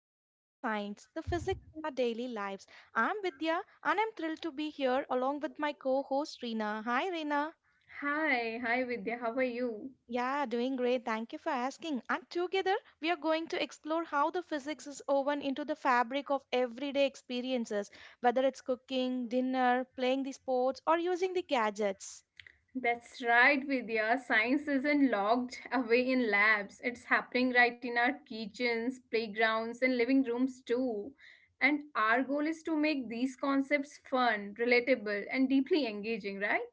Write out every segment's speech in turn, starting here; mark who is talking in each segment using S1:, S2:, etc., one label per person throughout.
S1: to Everyday Science, the physics in our daily lives. I'm Vidya and I'm thrilled to be here along with my co host Reena. Hi Reena.
S2: Hi, Vidya, how are you?
S1: Yeah, doing great. Thank you for asking. And together, we are going to explore how the physics is woven into the fabric of everyday experiences, whether it's cooking, dinner, playing the sports, or using the gadgets.
S2: That's right, Vidya. Science isn't locked away in labs. It's happening right in our kitchens, playgrounds, and living rooms too. And our goal is to make these concepts fun, relatable, and deeply engaging, right?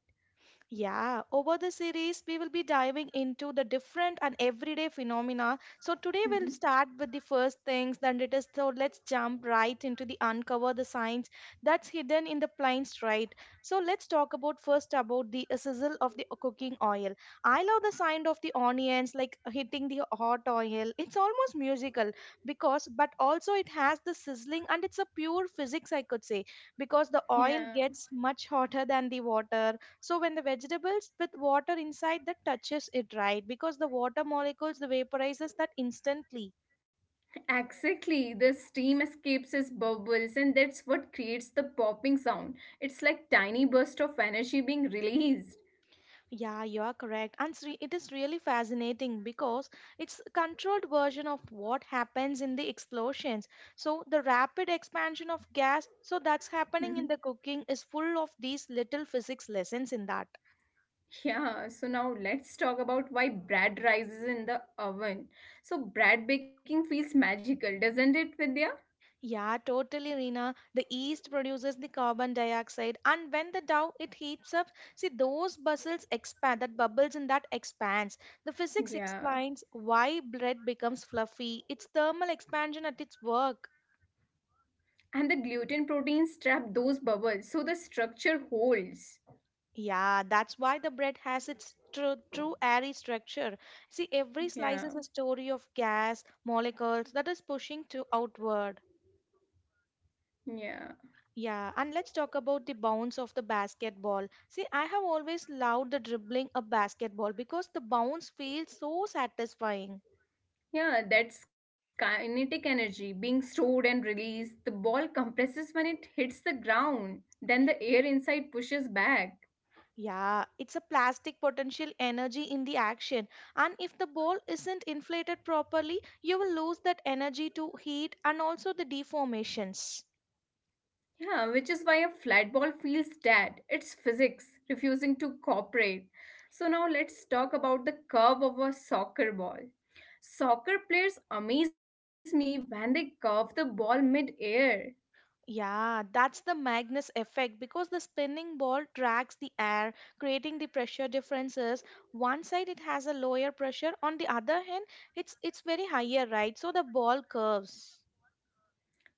S1: Yeah, over the series, we will be diving into the different and everyday phenomena. So, today we'll
S2: Mm-hmm.
S1: start with the first things, then it is so let's jump right into the uncover the science that's hidden in the plains, right? So, let's talk about first about the sizzle of the cooking oil. I love the sound of the onions like hitting the hot oil, it's almost musical because, but also it has the sizzling and it's a pure physics, I could say, because the oil
S2: Yeah,
S1: gets much hotter than the water so when the vegetables with water inside that touches it, right? Because the water molecules the vaporizes that instantly.
S2: exactly. The steam escapes as bubbles, and that's what creates the popping sound. It's like tiny burst of energy being released.
S1: Yeah, you are correct and it is really fascinating because it's a controlled version of what happens in the explosions, so the rapid expansion of gas, so that's happening in the cooking is full of these little physics lessons in that.
S2: Yeah, so now let's talk about why bread rises in the oven. So bread baking feels magical, doesn't it, Vidya?
S1: Yeah, totally, Reena. The yeast produces the carbon dioxide, and when the dough it heats up, see those bubbles expand. That bubbles in that expands. The physics explains
S2: Yeah.
S1: why bread becomes fluffy. It's thermal expansion at its work.
S2: And the gluten proteins trap those bubbles, so the structure holds.
S1: Yeah, that's why the bread has its true airy structure. See, every slice is a
S2: Yeah,
S1: story of gas molecules that is pushing to outward.
S2: yeah.
S1: Yeah, and let's talk about the bounce of the basketball. See, I have always loved the dribbling of basketball because the bounce feels so satisfying.
S2: Yeah, that's kinetic energy being stored and released. The ball compresses when it hits the ground, then the air inside pushes back.
S1: Yeah, it's a plastic potential energy in the action, and if the ball isn't inflated properly, you will lose that energy to heat and also the deformations.
S2: Yeah, which is why a flat ball feels dead. It's physics refusing to cooperate. So now let's talk about the curve of a soccer ball. Soccer players amaze me when they curve the ball mid-air.
S1: Yeah, that's the Magnus effect because the spinning ball drags the air, creating the pressure differences. One side it has a lower pressure, on the other hand, it's very higher, right? So the ball curves.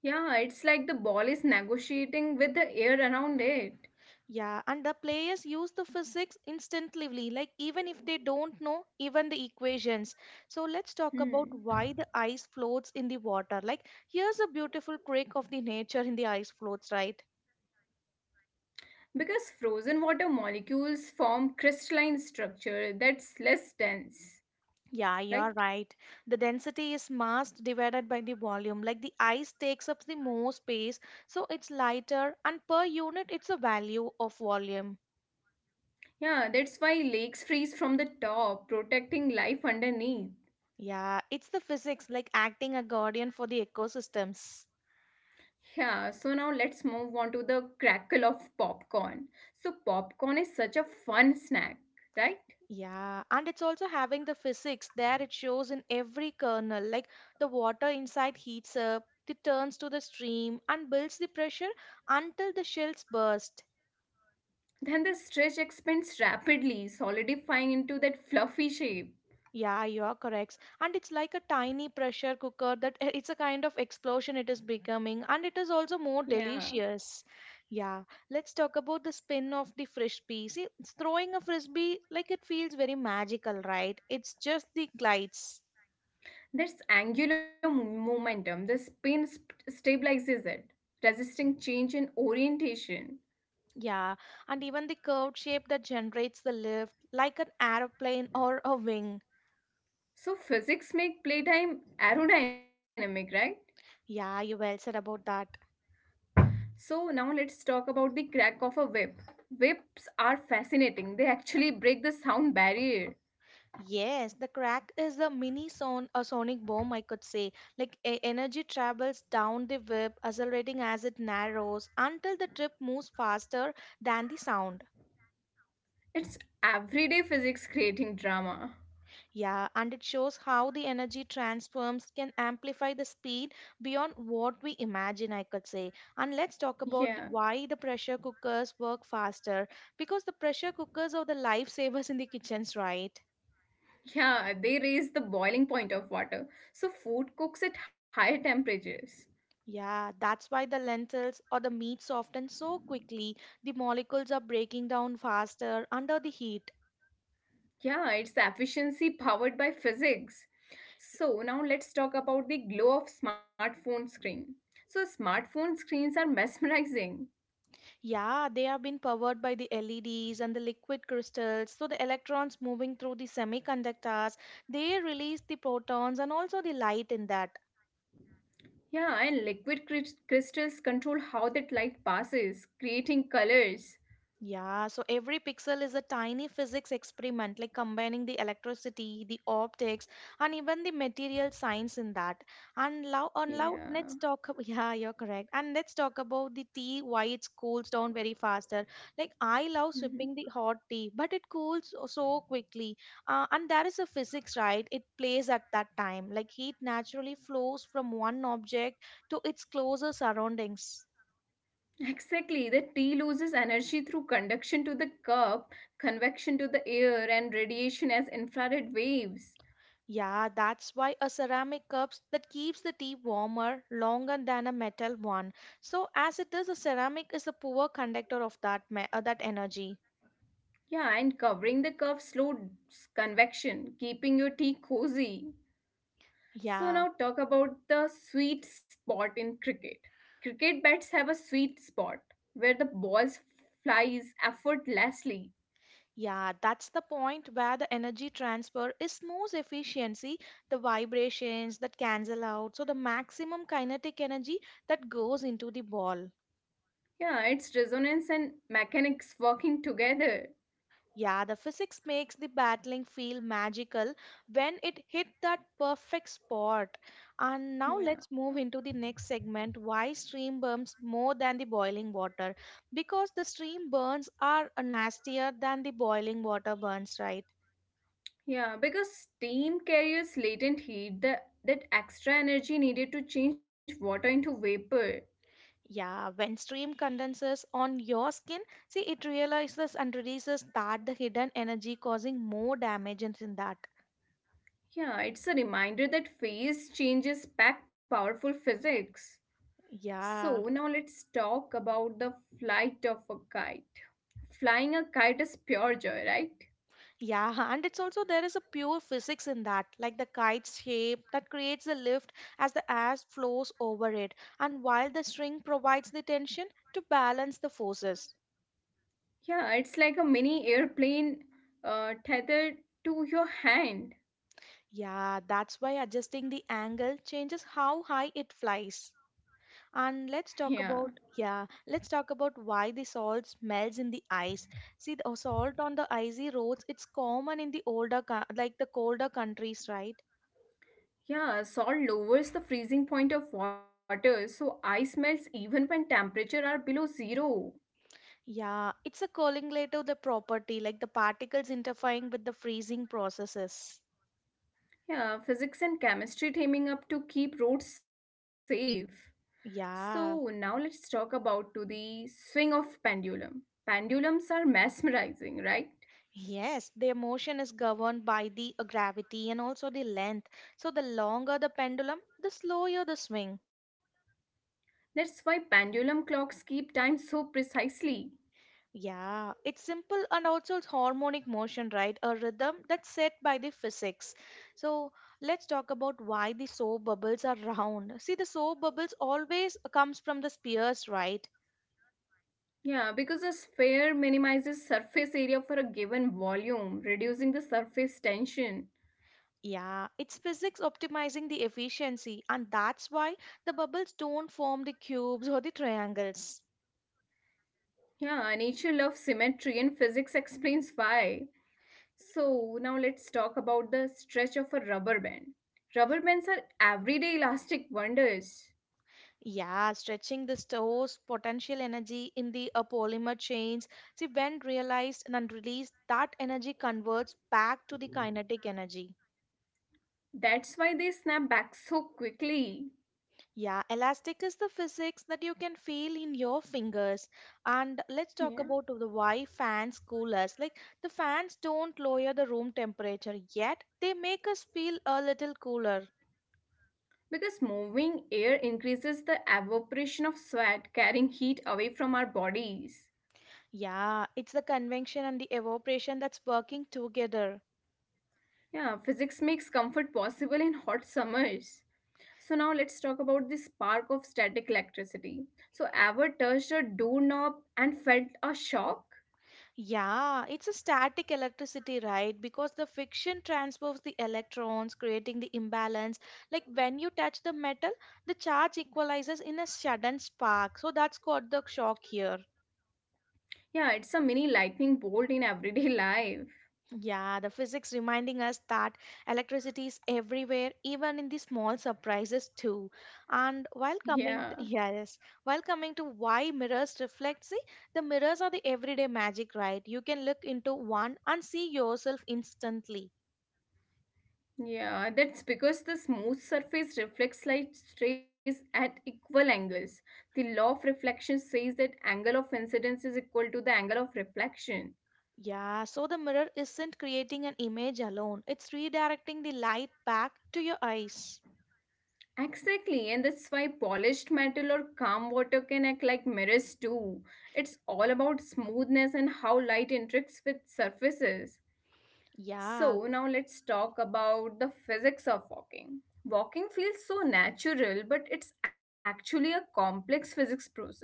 S2: Yeah, it's like the ball is negotiating with the air around it.
S1: Yeah, and the players use the physics instinctively, like even if they don't know even the equations. So let's talk about
S2: Hmm.
S1: why the ice floats in the water. Like here's a beautiful trick of the nature in the ice floats, right?
S2: Because frozen water molecules form crystalline structure that's less dense,
S1: Yeah, you're
S2: right?
S1: right. The density is mass divided by the volume. Like the ice takes up the more space, so it's lighter, and per unit, it's a value of volume.
S2: Yeah, that's why lakes freeze from the top, protecting life underneath.
S1: Yeah, it's the physics, like acting a guardian for the ecosystems.
S2: Yeah, so now let's move on to the crackle of popcorn. So, popcorn is such a fun snack, right?
S1: Yeah, and it's also having the physics there. It shows in every kernel, like the water inside heats up, it turns to the stream, and builds the pressure until the shells burst.
S2: Then the stretch expands rapidly, solidifying into that fluffy shape.
S1: Yeah, you are correct. And it's like a tiny pressure cooker that it's a kind of explosion it is becoming, and it is also more
S2: Yeah,
S1: delicious. Yeah, let's talk about the spin of the frisbee. See, it's throwing a frisbee like it feels very magical, right? It's just the glides.
S2: that's angular momentum. The spin stabilizes it, resisting change in orientation.
S1: Yeah, and even the curved shape that generates the lift, like an airplane or a wing.
S2: So physics make playtime aerodynamic, right?
S1: Yeah, you well said about that.
S2: So now let's talk about the crack of a whip. Whips are fascinating. They actually break the sound barrier.
S1: Yes, the crack is a mini sonic bomb, I could say. Like energy travels down the whip, accelerating as it narrows until the trip moves faster than the sound.
S2: It's everyday physics creating drama.
S1: Yeah, and it shows how the energy transforms can amplify the speed beyond what we imagine, I could say. And let's talk about
S2: Yeah.
S1: why the pressure cookers work faster because the pressure cookers are the lifesavers in the kitchens, right?
S2: Yeah, they raise the boiling point of water. So food cooks at higher temperatures.
S1: Yeah, that's why the lentils or the meat soften so quickly. The molecules are breaking down faster under the heat.
S2: Yeah, it's efficiency powered by physics. So now let's talk about the glow of smartphone screen. So smartphone screens are mesmerizing.
S1: Yeah, they have been powered by the LEDs and the liquid crystals. So the electrons moving through the semiconductors, they release the protons and also the light in that.
S2: Yeah, and liquid crystals control how that light passes, creating colors.
S1: Yeah, so every pixel is a tiny physics experiment, like combining the electricity, the optics, and even the material science in that. And now,
S2: Yeah.
S1: and now let's talk. Yeah, you're correct. And let's talk about the tea. Why it cools down very faster. Like I love
S2: Mhm.
S1: sipping the hot tea, but it cools so quickly. And there is a physics, right? It plays at that time. Like heat naturally flows from one object to its closer surroundings.
S2: Exactly. The tea loses energy through conduction to the cup, convection to the air, and radiation as infrared waves.
S1: Yeah, that's why a ceramic cups that keeps the tea warmer longer than a metal one. So as it is, a ceramic is a poor conductor of that energy.
S2: Yeah, and covering the cup slows convection, keeping your tea cozy. So,
S1: Yeah.
S2: now talk about the sweet spot in cricket. Cricket bats have a sweet spot where the balls flies effortlessly.
S1: Yeah, that's the point where the energy transfer is most efficiency, the vibrations that cancel out, so the maximum kinetic energy that goes into the ball.
S2: Yeah, it's resonance and mechanics working together.
S1: Yeah, the physics makes the battling feel magical when it hit that perfect spot. And now
S2: Yeah.
S1: let's move into the next segment why stream burns more than the boiling water. Because the stream burns are nastier than the boiling water burns, right?
S2: Yeah, because steam carries latent heat, that extra energy needed to change water into vapor.
S1: Yeah, when stream condenses on your skin, see it realizes and releases that the hidden energy causing more damage in that.
S2: Yeah, it's a reminder that phase changes pack powerful physics. So,
S1: Yeah.
S2: now let's talk about the flight of a kite. Flying a kite is pure joy, right?
S1: Yeah, and it's also there is a pure physics in that, like the kite's shape that creates the lift as the air flows over it, and while the string provides the tension to balance the forces.
S2: Yeah, it's like a mini airplane tethered to your hand.
S1: Yeah, that's why adjusting the angle changes how high it flies. And
S2: Yeah.
S1: let's talk about why the salt melts in the ice. See, the salt on the icy roads, it's common in the like the colder countries, right?
S2: Yeah, salt lowers the freezing point of water, so ice melts even when temperature are below zero.
S1: Yeah, it's a colligative the property, like the particles interfering with the freezing processes.
S2: Yeah, physics and chemistry teaming up to keep roads safe. So now
S1: Yeah,
S2: let's talk about to the swing of pendulum. Pendulums are mesmerizing, right?
S1: yes, the motion is governed by the gravity and also the length. So the longer the pendulum, the slower the swing.
S2: That's why pendulum clocks keep time so precisely.
S1: Yeah, it's simple and also it's harmonic motion, right? A rhythm that's set by the physics. So let's talk about why the soap bubbles are round. See, the soap bubbles always comes from the spheres, right?
S2: Yeah, because a sphere minimizes surface area for a given volume, reducing the surface tension.
S1: Yeah, it's physics optimizing the efficiency, and that's why the bubbles don't form the cubes or the triangles.
S2: Yeah, nature loves symmetry and physics explains why. So, now let's talk about the stretch of a rubber band. Rubber bands are everyday elastic wonders.
S1: Yeah, stretching the store's potential energy in the polymer chains. See, when realized and released, that energy converts back to the kinetic energy.
S2: That's why they snap back so quickly.
S1: Yeah, elastic is the physics that you can feel in your fingers. And let's talk
S2: Yeah.
S1: about the why fans cool us. Like the fans don't lower the room temperature yet, they make us feel a little cooler.
S2: Because moving air increases the evaporation of sweat, carrying heat away from our bodies.
S1: Yeah, it's the convection and the evaporation that's working together.
S2: Yeah, physics makes comfort possible in hot summers. So now let's talk about the spark of static electricity. So ever touched a doorknob and felt a shock?
S1: Yeah, it's a static electricity, right? Because the friction transfers the electrons, creating the imbalance. Like when you touch the metal, the charge equalizes in a sudden spark. So that's called the shock here.
S2: Yeah, it's a mini lightning bolt in everyday life.
S1: Yeah, the physics reminding us that electricity is everywhere, even in the small surprises too. And
S2: Yeah.
S1: while coming to why mirrors reflect, see, the mirrors are the everyday magic, right? You can look into one and see yourself instantly.
S2: Yeah, that's because the smooth surface reflects light rays at equal angles. The law of reflection says that angle of incidence is equal to the angle of reflection.
S1: Yeah, so the mirror isn't creating an image alone; it's redirecting the light back to your eyes.
S2: Exactly, and that's why polished metal or calm water can act like mirrors too. It's all about smoothness and how light interacts with surfaces.
S1: Yeah.
S2: So, now let's talk about the physics of walking. Walking feels so natural, but it's actually a complex physics process, right?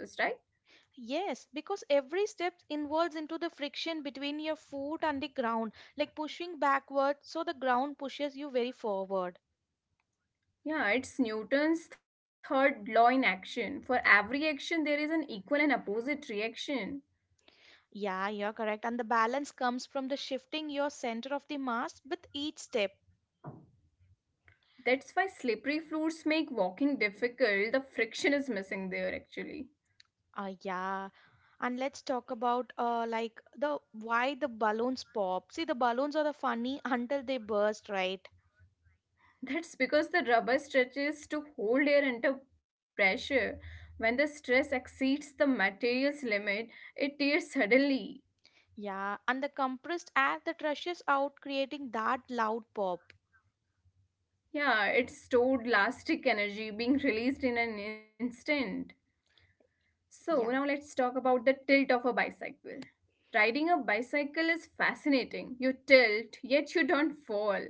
S1: Yes, because every step involves into the friction between your foot and the ground, like pushing backward, so the ground pushes you very forward.
S2: Yeah, it's Newton's third law in action. For every action, there is an equal and opposite reaction.
S1: Yeah, you're correct. And the balance comes from the shifting your center of the mass with each step.
S2: That's why slippery floors make walking difficult. The friction is missing there, actually.
S1: Ah, yeah. And let's talk about like the why the balloons pop. See, the balloons are the funny until they burst, right?
S2: That's because the rubber stretches to hold air under pressure. When the stress exceeds the material's limit, it tears suddenly.
S1: Yeah, and the compressed air that rushes out, creating that loud pop.
S2: Yeah, it's stored elastic energy being released in an instant. So, now
S1: Yeah.
S2: let's talk about the tilt of a bicycle. Riding a bicycle is fascinating. You tilt, yet you don't fall.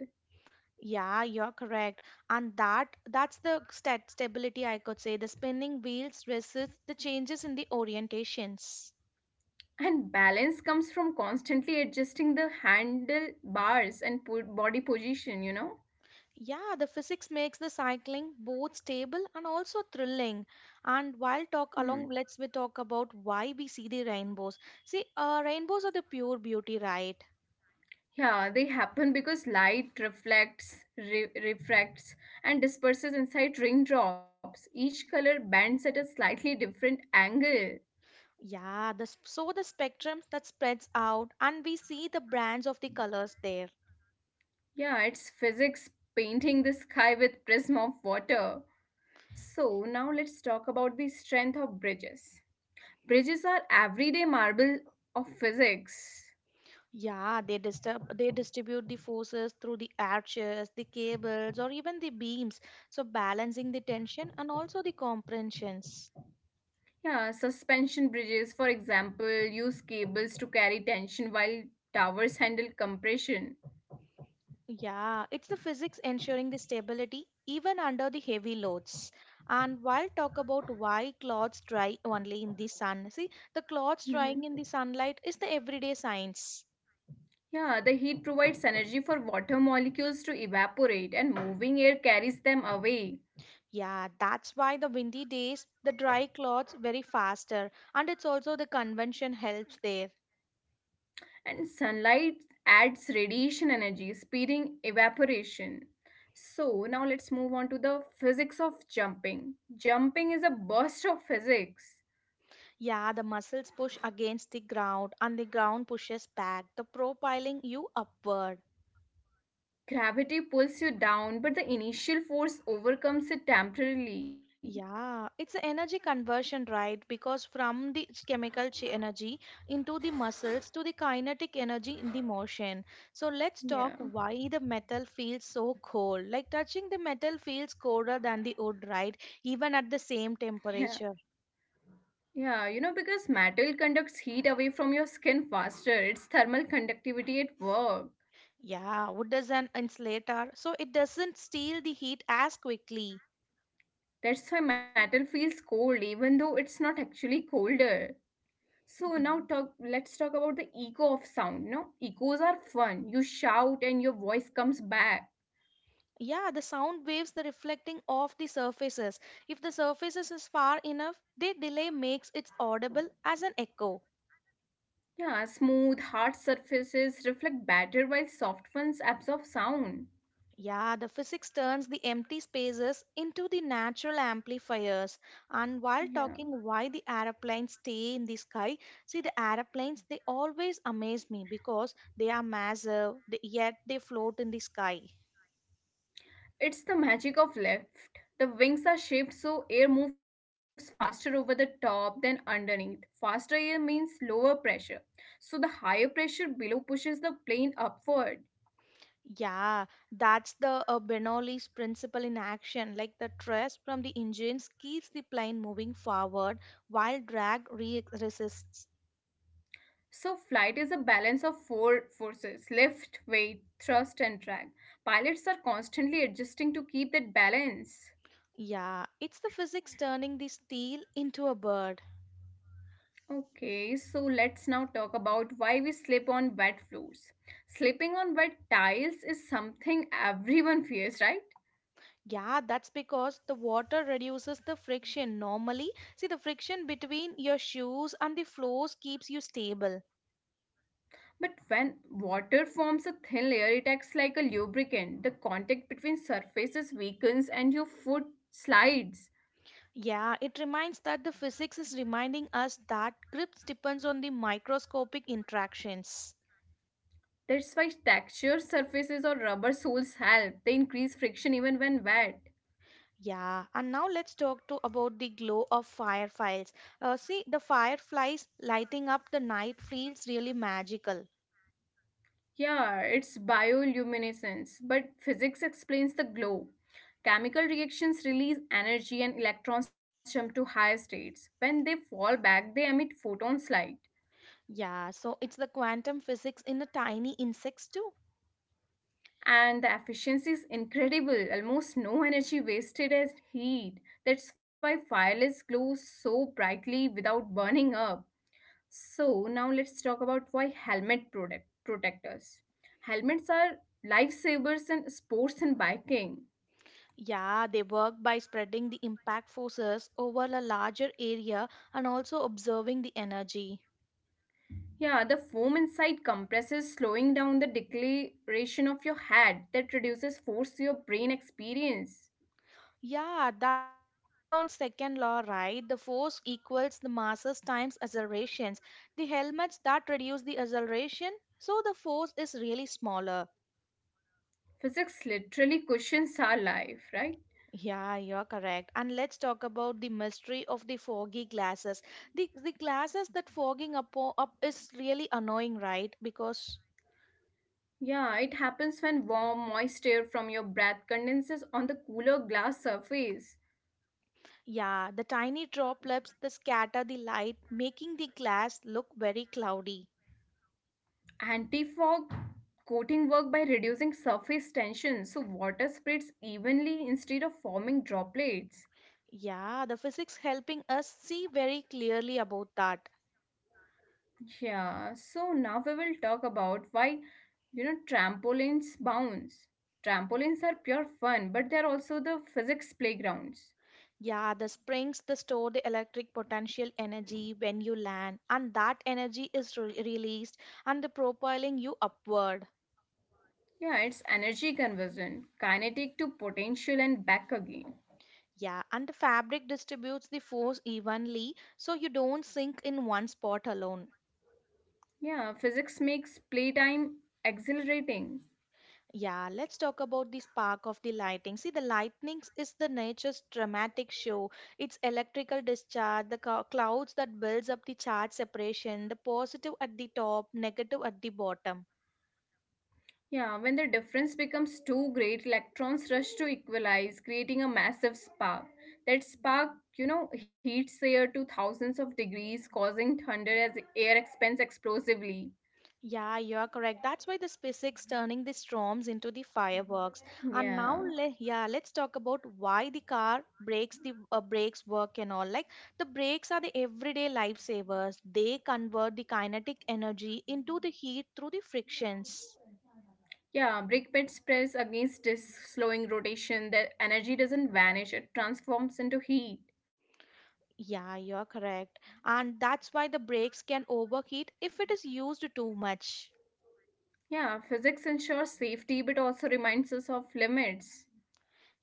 S1: Yeah, you're correct. And that that's the stat stability I could say. The spinning wheels resist the changes in the orientations.
S2: And balance comes from constantly adjusting the handlebars and body position, you know?
S1: Yeah, the physics makes the cycling both stable and also thrilling. And while talk
S2: Hmm.
S1: along, let's we talk about why we see the rainbows. See, rainbows are the pure beauty, right?
S2: Yeah, they happen because light reflects, refracts, and disperses inside raindrops. Each color bends at a slightly different angle.
S1: Yeah, so the spectrum that spreads out, and we see the brands of the colors there.
S2: Yeah, it's physics painting the sky with prism of water. So now let's talk about the strength of bridges. Bridges are everyday marble of physics.
S1: Yeah, they distribute the forces through the arches, the cables, or even the beams, so balancing the tension and also the compressions.
S2: Yeah, suspension bridges, for example, use cables to carry tension while towers handle compression.
S1: Yeah, it's the physics ensuring the stability even under the heavy loads. And while talk about why clothes dry only in the sun, see, the clothes
S2: Mhm.
S1: drying in the sunlight is the everyday science.
S2: Yeah, the heat provides energy for water molecules to evaporate and moving air carries them away.
S1: Yeah, that's why the windy days, the dry clothes very faster, and it's also the convention helps there.
S2: And sunlight adds radiation energy, speeding evaporation. So, now let's move on to the physics of jumping. Jumping is a burst of physics.
S1: Yeah, the muscles push against the ground and the ground pushes back, the profiling you upward.
S2: Gravity pulls you down, but the initial force overcomes it temporarily.
S1: Yeah, it's a energy conversion, right? Because from the ch- chemical chi energy into the muscles to the kinetic energy in the motion. So let's
S2: Yeah,
S1: talk why the metal feels so cold. Like touching the metal feels colder than the wood, right? Even at the same
S2: yeah,
S1: temperature.
S2: yeah, because metal conducts heat away from your skin faster, it's thermal conductivity at work.
S1: Yeah, wood is an insulator, so it doesn't steal the heat as quickly.
S2: That's why metal feels cold, even though it's not actually colder. So now talk let's talk about the echo of sound. No, echoes are fun. You shout and your voice comes back.
S1: Yeah, the sound waves the reflecting off the surfaces. If the surfaces is far enough, the delay makes it audible as an echo.
S2: Yeah, smooth, hard surfaces reflect better while soft ones absorb sound.
S1: Yeah, the physics turns the empty spaces into the natural amplifiers. And while
S2: Yeah.
S1: talking why the aeroplanes stay in the sky, see the aeroplanes they always amaze me because they are massive, they, yet they float in the sky.
S2: It's the magic of lift. The wings are shaped so air moves faster over the top than underneath. Faster air means lower pressure. So the higher pressure below pushes the plane upward.
S1: Yeah, that's the Bernoulli's principle in action. Like the thrust from the engines keeps the plane moving forward while resists.
S2: So, flight is a balance of four forces: lift, weight, thrust, and drag. Pilots are constantly adjusting to keep that balance.
S1: Yeah, it's the physics turning the steel into a bird.
S2: Okay, so let's now talk about why we slip on wet floors. Slipping on wet tiles is something everyone fears, right?
S1: Yeah, that's because the water reduces the friction. Normally, see the friction between your shoes and the floors keeps you stable.
S2: But when water forms a thin layer, it acts like a lubricant. The contact between surfaces weakens and your foot slides.
S1: Yeah, it reminds that the physics is reminding us that grip depends on the microscopic interactions.
S2: That's why textured surfaces or rubber soles help. They increase friction even when wet.
S1: Yeah, and now let's talk to about the glow of fireflies. See, the fireflies lighting up the night feels really magical.
S2: Yeah, it's bioluminescence, but physics explains the glow. Chemical reactions release energy and electrons jump to higher states. When they fall back, they emit photons light.
S1: Yeah, so it's the quantum physics in the tiny insects too.
S2: And the efficiency is incredible, almost no energy wasted as heat. That's why fireless glows so brightly without burning up. So now let's talk about why helmet product protectors. Helmets are lifesavers in sports and biking.
S1: Yeah, they work by spreading the impact forces over a larger area and also observing the energy.
S2: Yeah, the foam inside compresses, slowing down the deceleration of your head that reduces force your brain experience.
S1: Yeah, that's in the Newton's second law, right? The force equals the masses times accelerations. The helmets that reduce the acceleration, so the force is really smaller.
S2: Physics literally cushions our life, right?
S1: Yeah, you're correct. And let's talk about the mystery of the foggy glasses. The glasses that fogging up is really annoying, right? Because
S2: Yeah, it happens when warm, moist air from your breath condenses on the cooler glass surface.
S1: yeah, the tiny droplets that scatter the light, making the glass look very cloudy.
S2: Anti fog coating work by reducing surface tension so water spreads evenly instead of forming droplets.
S1: Yeah, the physics helping us see very clearly about that.
S2: Yeah, so now we will talk about why trampolines bounce. Trampolines are pure fun, but they're also the physics playgrounds.
S1: Yeah, the springs that store the electric potential energy when you land, and that energy is released and the propelling you upward.
S2: Yeah, it's energy conversion, kinetic to potential and back again.
S1: Yeah, and the fabric distributes the force evenly so you don't sink in one spot alone.
S2: Yeah, physics makes playtime exhilarating.
S1: Yeah, let's talk about the spark of the lightning. See, the lightning is the nature's dramatic show. It's electrical discharge, the clouds that builds up the charge separation, the positive at the top, negative at the bottom.
S2: Yeah, when the difference becomes too great, electrons rush to equalize, creating a massive spark. That spark, heats the air to thousands of degrees, causing thunder as air expands explosively.
S1: Yeah, you are correct. That's why the SpaceX turning the storms into the fireworks. And now,
S2: Yeah.
S1: yeah, let's talk about why the car brakes the brakes work and all. Like the brakes are the everyday lifesavers. They convert the kinetic energy into the heat through the frictions.
S2: Yeah, brake pads press against disks, slowing rotation. That energy doesn't vanish, it transforms into heat.
S1: Yeah, you are correct. And that's why the brakes can overheat if it is used too much.
S2: Yeah, physics ensures safety but also reminds us of limits.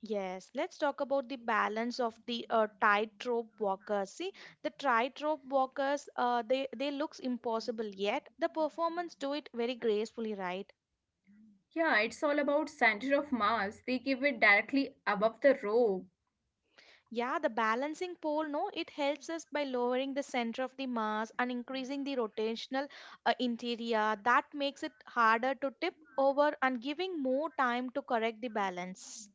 S1: Yes, let's talk about the balance of the tightrope walkers. See, the tightrope walkers, they looks impossible, yet the performance do it very gracefully, right?
S2: Yeah, it's all about center of mass. They give it directly above the rope.
S1: Yeah, the balancing pole, no, it helps us by lowering the center of the mass and increasing the rotational interior. That makes it harder to tip over and giving more time to correct the balance.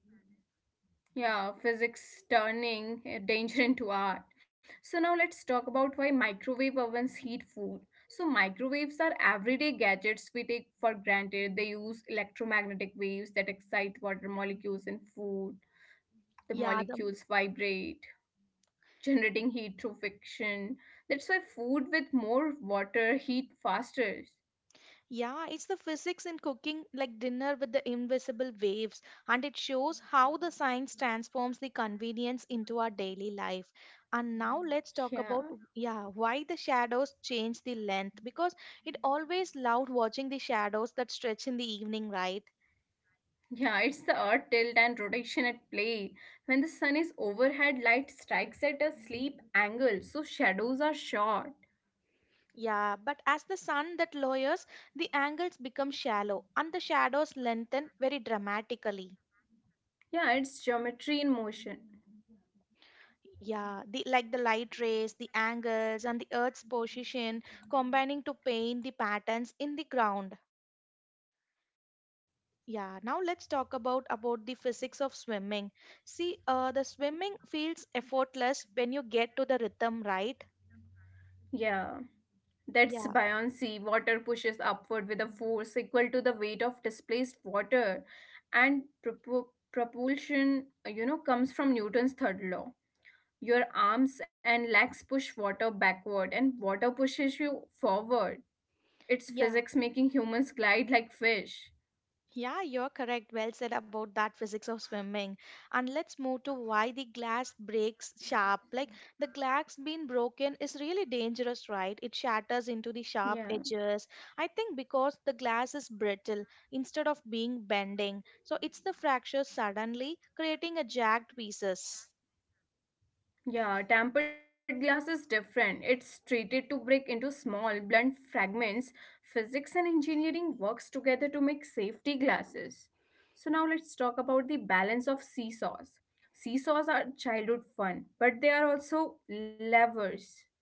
S2: Yeah, physics turning danger into art. So now let's talk about why microwave ovens heat food. So microwaves are everyday gadgets we take for granted. They use electromagnetic waves that excite water molecules in food. The
S1: Yeah, the
S2: molecules vibrate, generating heat through friction. That's why food with more water heat faster.
S1: Yeah, it's the physics in cooking, like dinner with the invisible waves, and it shows how the science transforms the convenience into our daily life. And now let's
S2: Yeah.
S1: talk about yeah, why the shadows change the length because it always loved watching the shadows that stretch in the evening, right?
S2: Yeah, it's the earth tilt and rotation at play. When the sun is overhead, light strikes at a sleep angle, so shadows are short.
S1: Yeah, but as the sun that lowers, the angles become shallow and the shadows lengthen very dramatically.
S2: Yeah, it's geometry in motion.
S1: Yeah, the like the light rays, the angles, and the Earth's position combining to paint the patterns in the ground. Yeah, now let's talk about the physics of swimming. See, the swimming feels effortless when you get to the rhythm, right?
S2: Yeah, that's
S1: Yeah,
S2: buoyancy. Water pushes upward with a force equal to the weight of displaced water, and propulsion, comes from Newton's third law. Your arms and legs push water backward, and water pushes you forward. It's
S1: yeah.
S2: physics making humans glide like fish.
S1: Yeah, you're correct. Well said about that physics of swimming. And let's move to why the glass breaks sharp. Like the glass being broken is really dangerous, right? It shatters into the sharp
S2: Yeah,
S1: edges. I think because the glass is brittle instead of being bending. So it's the fracture suddenly creating a jagged pieces.
S2: yeah, tempered glass is different. It's treated to break into small, blunt fragments. Physics and engineering works together to make safety glasses. So now let's talk about the balance of seesaws. Seesaws are childhood fun, but they are also levers.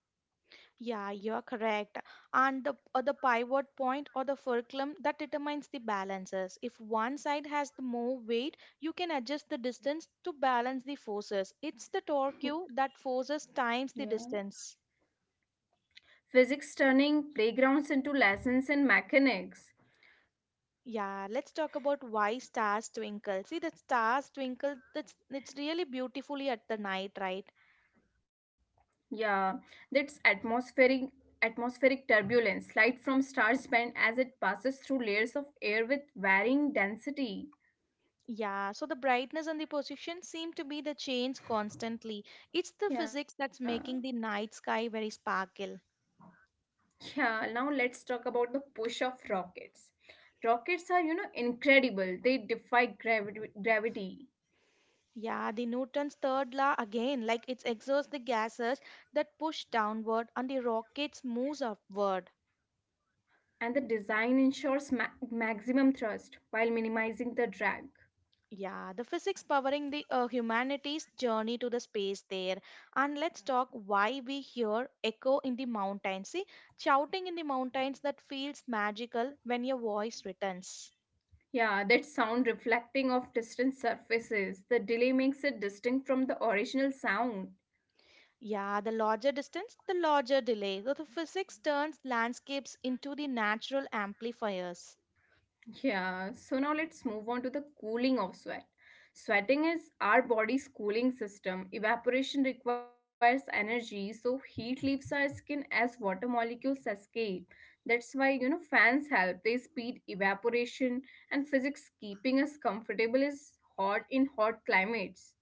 S1: Yeah, you're correct. And the or the pivot point or the fulcrum that determines the balances. If one side has the more weight, you can adjust the distance to balance the forces. It's the torque that forces times the
S2: Yeah.
S1: distance.
S2: Physics turning playgrounds into lessons in mechanics.
S1: Yeah, let's talk about why stars twinkle. See the stars twinkle, that's it's really beautifully at the night, right?
S2: Yeah, that's atmospheric turbulence, light from stars bend as it passes through layers of air with varying density.
S1: Yeah, so the brightness and the position seem to be the change constantly. It's the physics that's
S2: Yeah.
S1: making the night sky very sparkle.
S2: Yeah, now let's talk about the push of rockets. Rockets are incredible. They defy gravity.
S1: Yeah, the Newton's third law again, like it exhausts the gases that push downward and the rockets moves upward.
S2: And the design ensures maximum thrust while minimizing the drag.
S1: Yeah, the physics powering the humanity's journey to the space there. And let's talk why we hear echo in the mountains. See, shouting in the mountains that feels magical when your voice returns.
S2: Yeah, that sound reflecting off distant surfaces. The delay makes it distinct from the original sound.
S1: Yeah, the larger distance, the larger delay. So the physics turns landscapes into the natural amplifiers.
S2: Yeah, so now let's move on to the cooling of sweat. Sweating is our body's cooling system. Evaporation requires energy, so heat leaves our skin as water molecules escape. That's why, fans help. They speed evaporation, and physics keeping us comfortable is hot in hot climates.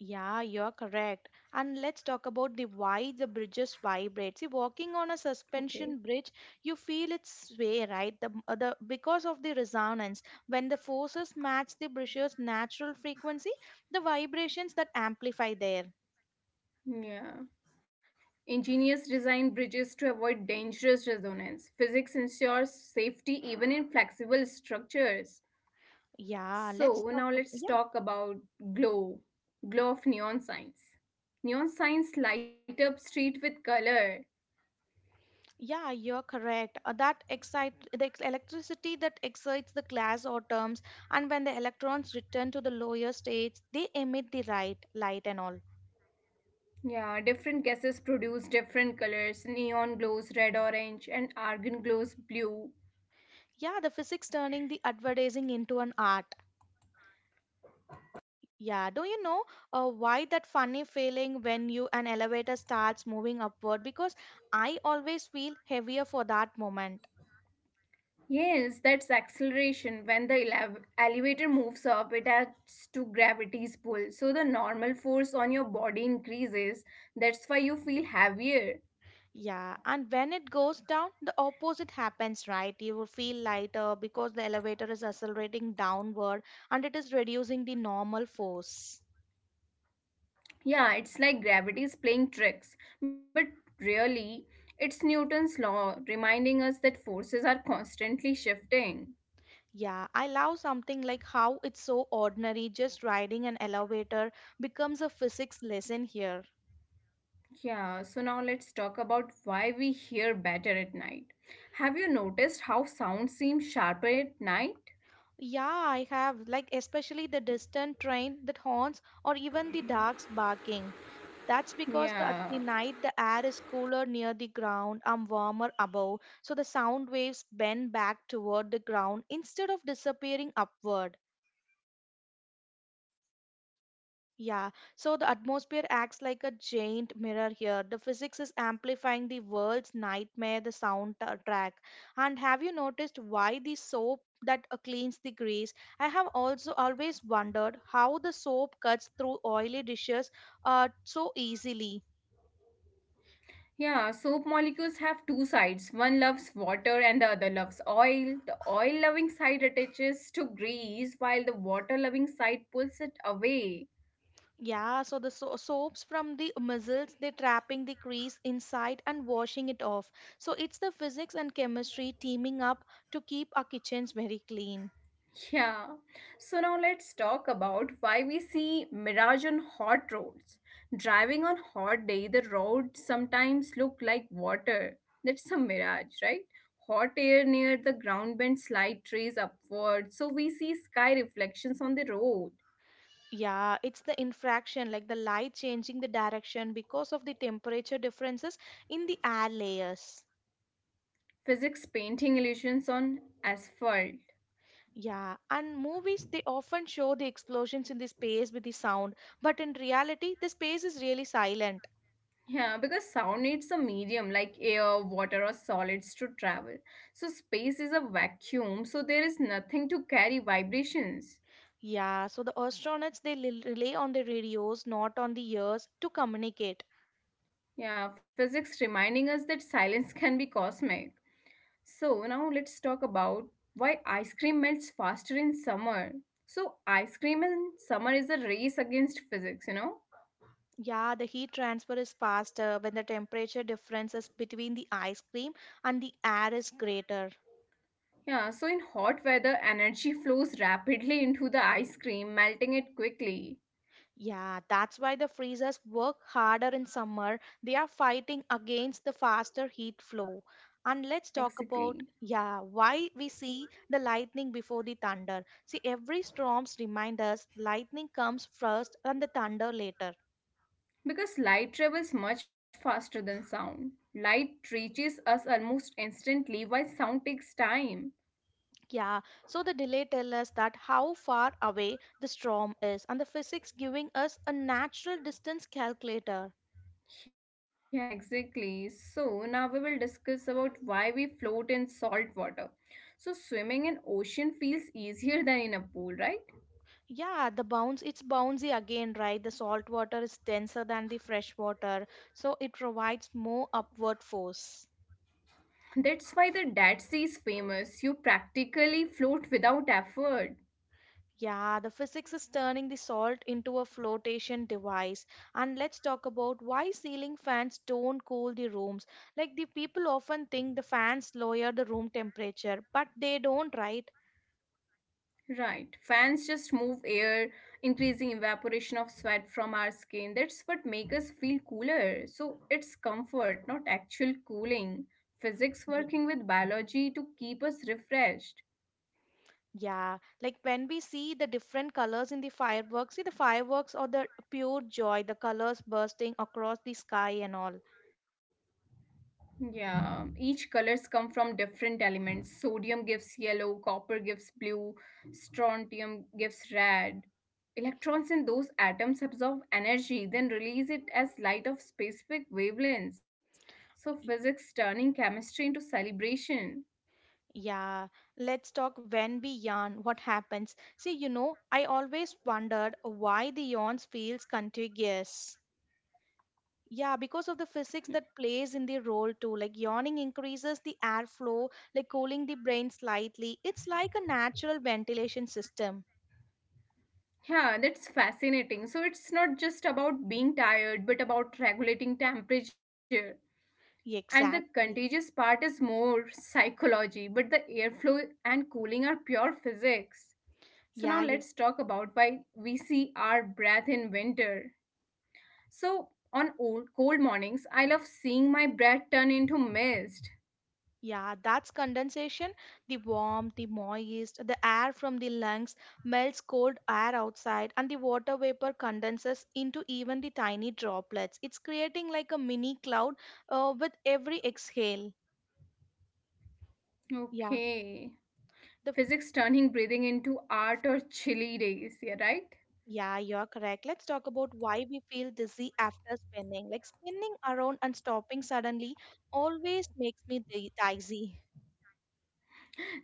S1: Yeah, you're correct. And let's talk about the why the bridges vibrate. See, walking on a
S2: Okay.
S1: suspension bridge, you feel its sway, right? The Because of the resonance. When the forces match the bridge's natural frequency, the vibrations that amplify there.
S2: Yeah. Ingenious design bridges to avoid dangerous resonance. Physics ensures safety even in flexible structures.
S1: Yeah, let's
S2: So
S1: talk
S2: now
S1: about,
S2: let's
S1: yeah,
S2: talk about glow, glow of neon signs. Neon signs light up street with color.
S1: yeah, you're correct. That electricity that excites the glass atoms, and when the electrons return to the lower states, they emit the right light and all.
S2: Yeah, different gases produce different colors. Neon glows red orange and argon glows blue.
S1: Yeah, the physics turning the advertising into an art. Yeah, do you know why that funny feeling when you an elevator starts moving upward? Because I always feel heavier for that moment.
S2: Yes, that's acceleration. When the elevator moves up, it adds to gravity's pull. So the normal force on your body increases. That's why you feel heavier.
S1: Yeah, and when it goes down, the opposite happens, right? You will feel lighter because the elevator is accelerating downward and it is reducing the normal force.
S2: Yeah, it's like gravity is playing tricks, but really, it's Newton's law reminding us that forces are constantly shifting.
S1: Yeah, I love something like how it's so ordinary, just riding an elevator becomes a physics lesson here.
S2: Yeah, so now let's talk about why we hear better at night. Have you noticed how sound seems sharper at night?
S1: Yeah, I have, like especially the distant train that horns or even the dogs barking. That's because the, at
S2: Yeah.
S1: the night the air is cooler near the ground and warmer above, so the sound waves bend back toward the ground instead of disappearing upward. Yeah, so the atmosphere acts like a giant mirror here. The physics is amplifying the world's nightmare, the track. And have you noticed why the soap that cleans the grease? I have also always wondered how the soap cuts through oily dishes so easily.
S2: Yeah, soap molecules have two sides. One loves water and the other loves oil. The oil loving side attaches to grease while the water loving side pulls it away.
S1: Yeah, so the soaps from the mussels, they're trapping the grease inside and washing it off. So it's the physics and chemistry teaming up to keep our kitchens very clean.
S2: Yeah. So now let's talk about why we see mirage on hot roads. Driving on hot day, the roads sometimes look like water. That's a mirage, right? Hot air near the ground bends slight trees upward, so we see sky reflections on the road.
S1: Yeah, it's the infraction, like the light changing the direction because of the temperature differences in the air layers.
S2: Physics painting illusions on asphalt.
S1: Yeah, and movies they often show the explosions in the space with the sound, but in reality, the space is really silent.
S2: Yeah, because sound needs a medium like air, water, or solids to travel. So space is a vacuum, so there is nothing to carry vibrations.
S1: Yeah, so the astronauts they rely on the radios, not on the ears, to communicate.
S2: Yeah, physics reminding us that silence can be cosmic. So, now let's talk about why ice cream melts faster in summer. So, ice cream in summer is a race against physics.
S1: Yeah, the heat transfer is faster when the temperature differences between the ice cream and the air is greater.
S2: Yeah, so in hot weather, energy flows rapidly into the ice cream, melting it quickly.
S1: Yeah, that's why the freezers work harder in summer. They are fighting against the faster heat flow. And let's talk
S2: Exactly.
S1: about, yeah, why we see the lightning before the thunder. See, every storms remind us lightning comes first and the thunder later.
S2: Because light travels much faster than sound. Light reaches us almost instantly, while sound takes time.
S1: Yeah, so the delay tell us that how far away the storm is and the physics giving us a natural distance calculator.
S2: Yeah, exactly. So now we will discuss about why we float in salt water. So swimming in ocean feels easier than in a pool, right?
S1: Yeah, the bounce, it's bouncy again, right? The salt water is denser than the fresh water, so it provides more upward force.
S2: That's why the Dead Sea is famous. You practically float without effort.
S1: Yeah, the physics is turning the salt into a flotation device. And let's talk about why ceiling fans don't cool the rooms. Like the people often think the fans lower the room temperature, but they don't, right?
S2: Right. Fans just move air, increasing evaporation of sweat from our skin. That's what makes us feel cooler. So it's comfort, not actual cooling. Physics
S1: Ye-
S2: working with biology to keep us refreshed.
S1: Yeah, like when we see the different colors in the fireworks, see the fireworks are the pure joy, the colors bursting across the sky and all.
S2: Yeah, each colors come from different elements. Sodium gives yellow, copper gives blue, strontium gives red. Electrons in those atoms absorb energy, then release it as light of specific wavelengths. So
S1: Y-
S2: physics turning chemistry into celebration.
S1: Yeah, let's talk when we yawn, what happens. See, I always wondered why the yawns feels contagious. Yeah, because of the physics that plays in the role too. Like yawning increases the airflow, like cooling the brain slightly. It's like a natural ventilation system.
S2: Yeah, that's fascinating. So it's not just about being tired, but about regulating temperature. And the
S1: Exactly.
S2: contagious part is more psychology, but the airflow and cooling are pure physics. So now
S1: Yeah, you
S2: let's talk about why we see our breath in winter. So on old cold mornings, I love seeing my breath turn into mist.
S1: Yeah, that's condensation. The warmth, the moist, the air from the lungs melts cold air outside, and the water vapor condenses into even the tiny droplets. It's creating like a mini cloud with every exhale. Yeah.
S2: Okay.
S1: The,
S2: Physics turning breathing into art or chilly days, yeah right?
S1: yeah, you're correct. Let's talk about why we feel dizzy after spinning. Like spinning around and stopping suddenly always makes me dizzy.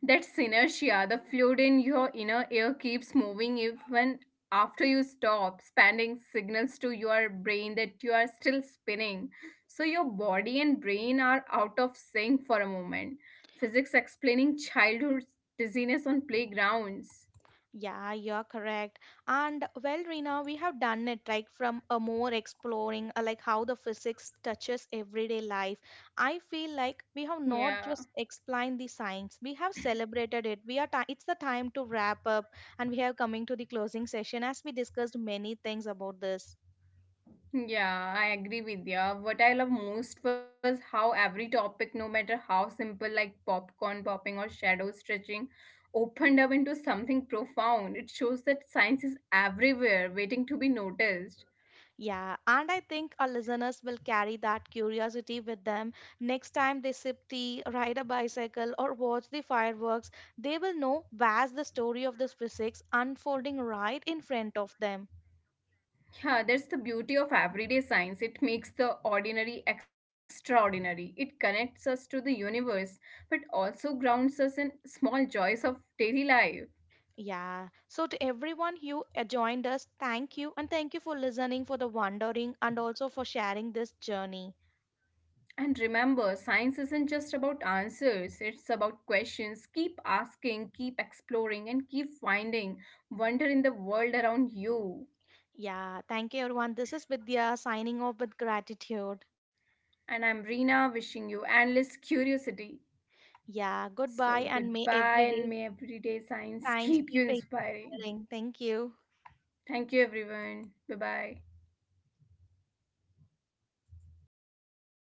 S2: That's inertia. The fluid in your inner ear keeps moving even after you stop, sending signals to your brain that you are still spinning. So your body and brain are out of sync for a moment. Physics explaining childhood dizziness on playgrounds.
S1: Yeah, you're correct. And well, Rina, we have done it like from a more exploring, like how the physics touches everyday life. I feel like we have
S2: Yeah.
S1: not just explained the science, we have celebrated it. We are ti It's the time to wrap up, and we are coming to the closing session as we discussed many things about this.
S2: Yeah, I agree with you. What I love most was how every topic, no matter how simple, like popcorn popping or shadow stretching, opened up into something profound. It shows that science is everywhere, waiting to be noticed.
S1: Yeah, and I think our listeners will carry that curiosity with them. Next time they sip tea, ride a bicycle, or watch the fireworks, they will know where's the story of this physics unfolding right in front of them.
S2: Yeah, that's the beauty of everyday science. It makes the ordinary extraordinary. It connects us to the universe, but also grounds us in small joys of daily life.
S1: Yeah. So to everyone who joined us, thank you and thank you for listening, for the wondering, and also for sharing this journey.
S2: And remember, science isn't just about answers, it's about questions. Keep asking, keep exploring, and keep finding wonder in the world around you.
S1: Yeah. Thank you, everyone. This is Vidya signing off with gratitude.
S2: And I'm Reena wishing you endless curiosity.
S1: Yeah. Goodbye,
S2: So,
S1: and may
S2: goodbye,
S1: every day
S2: and may everyday science
S1: science
S2: keep you
S1: keep
S2: inspiring.
S1: inspiring. Thank you.
S2: Thank you, everyone. Bye bye.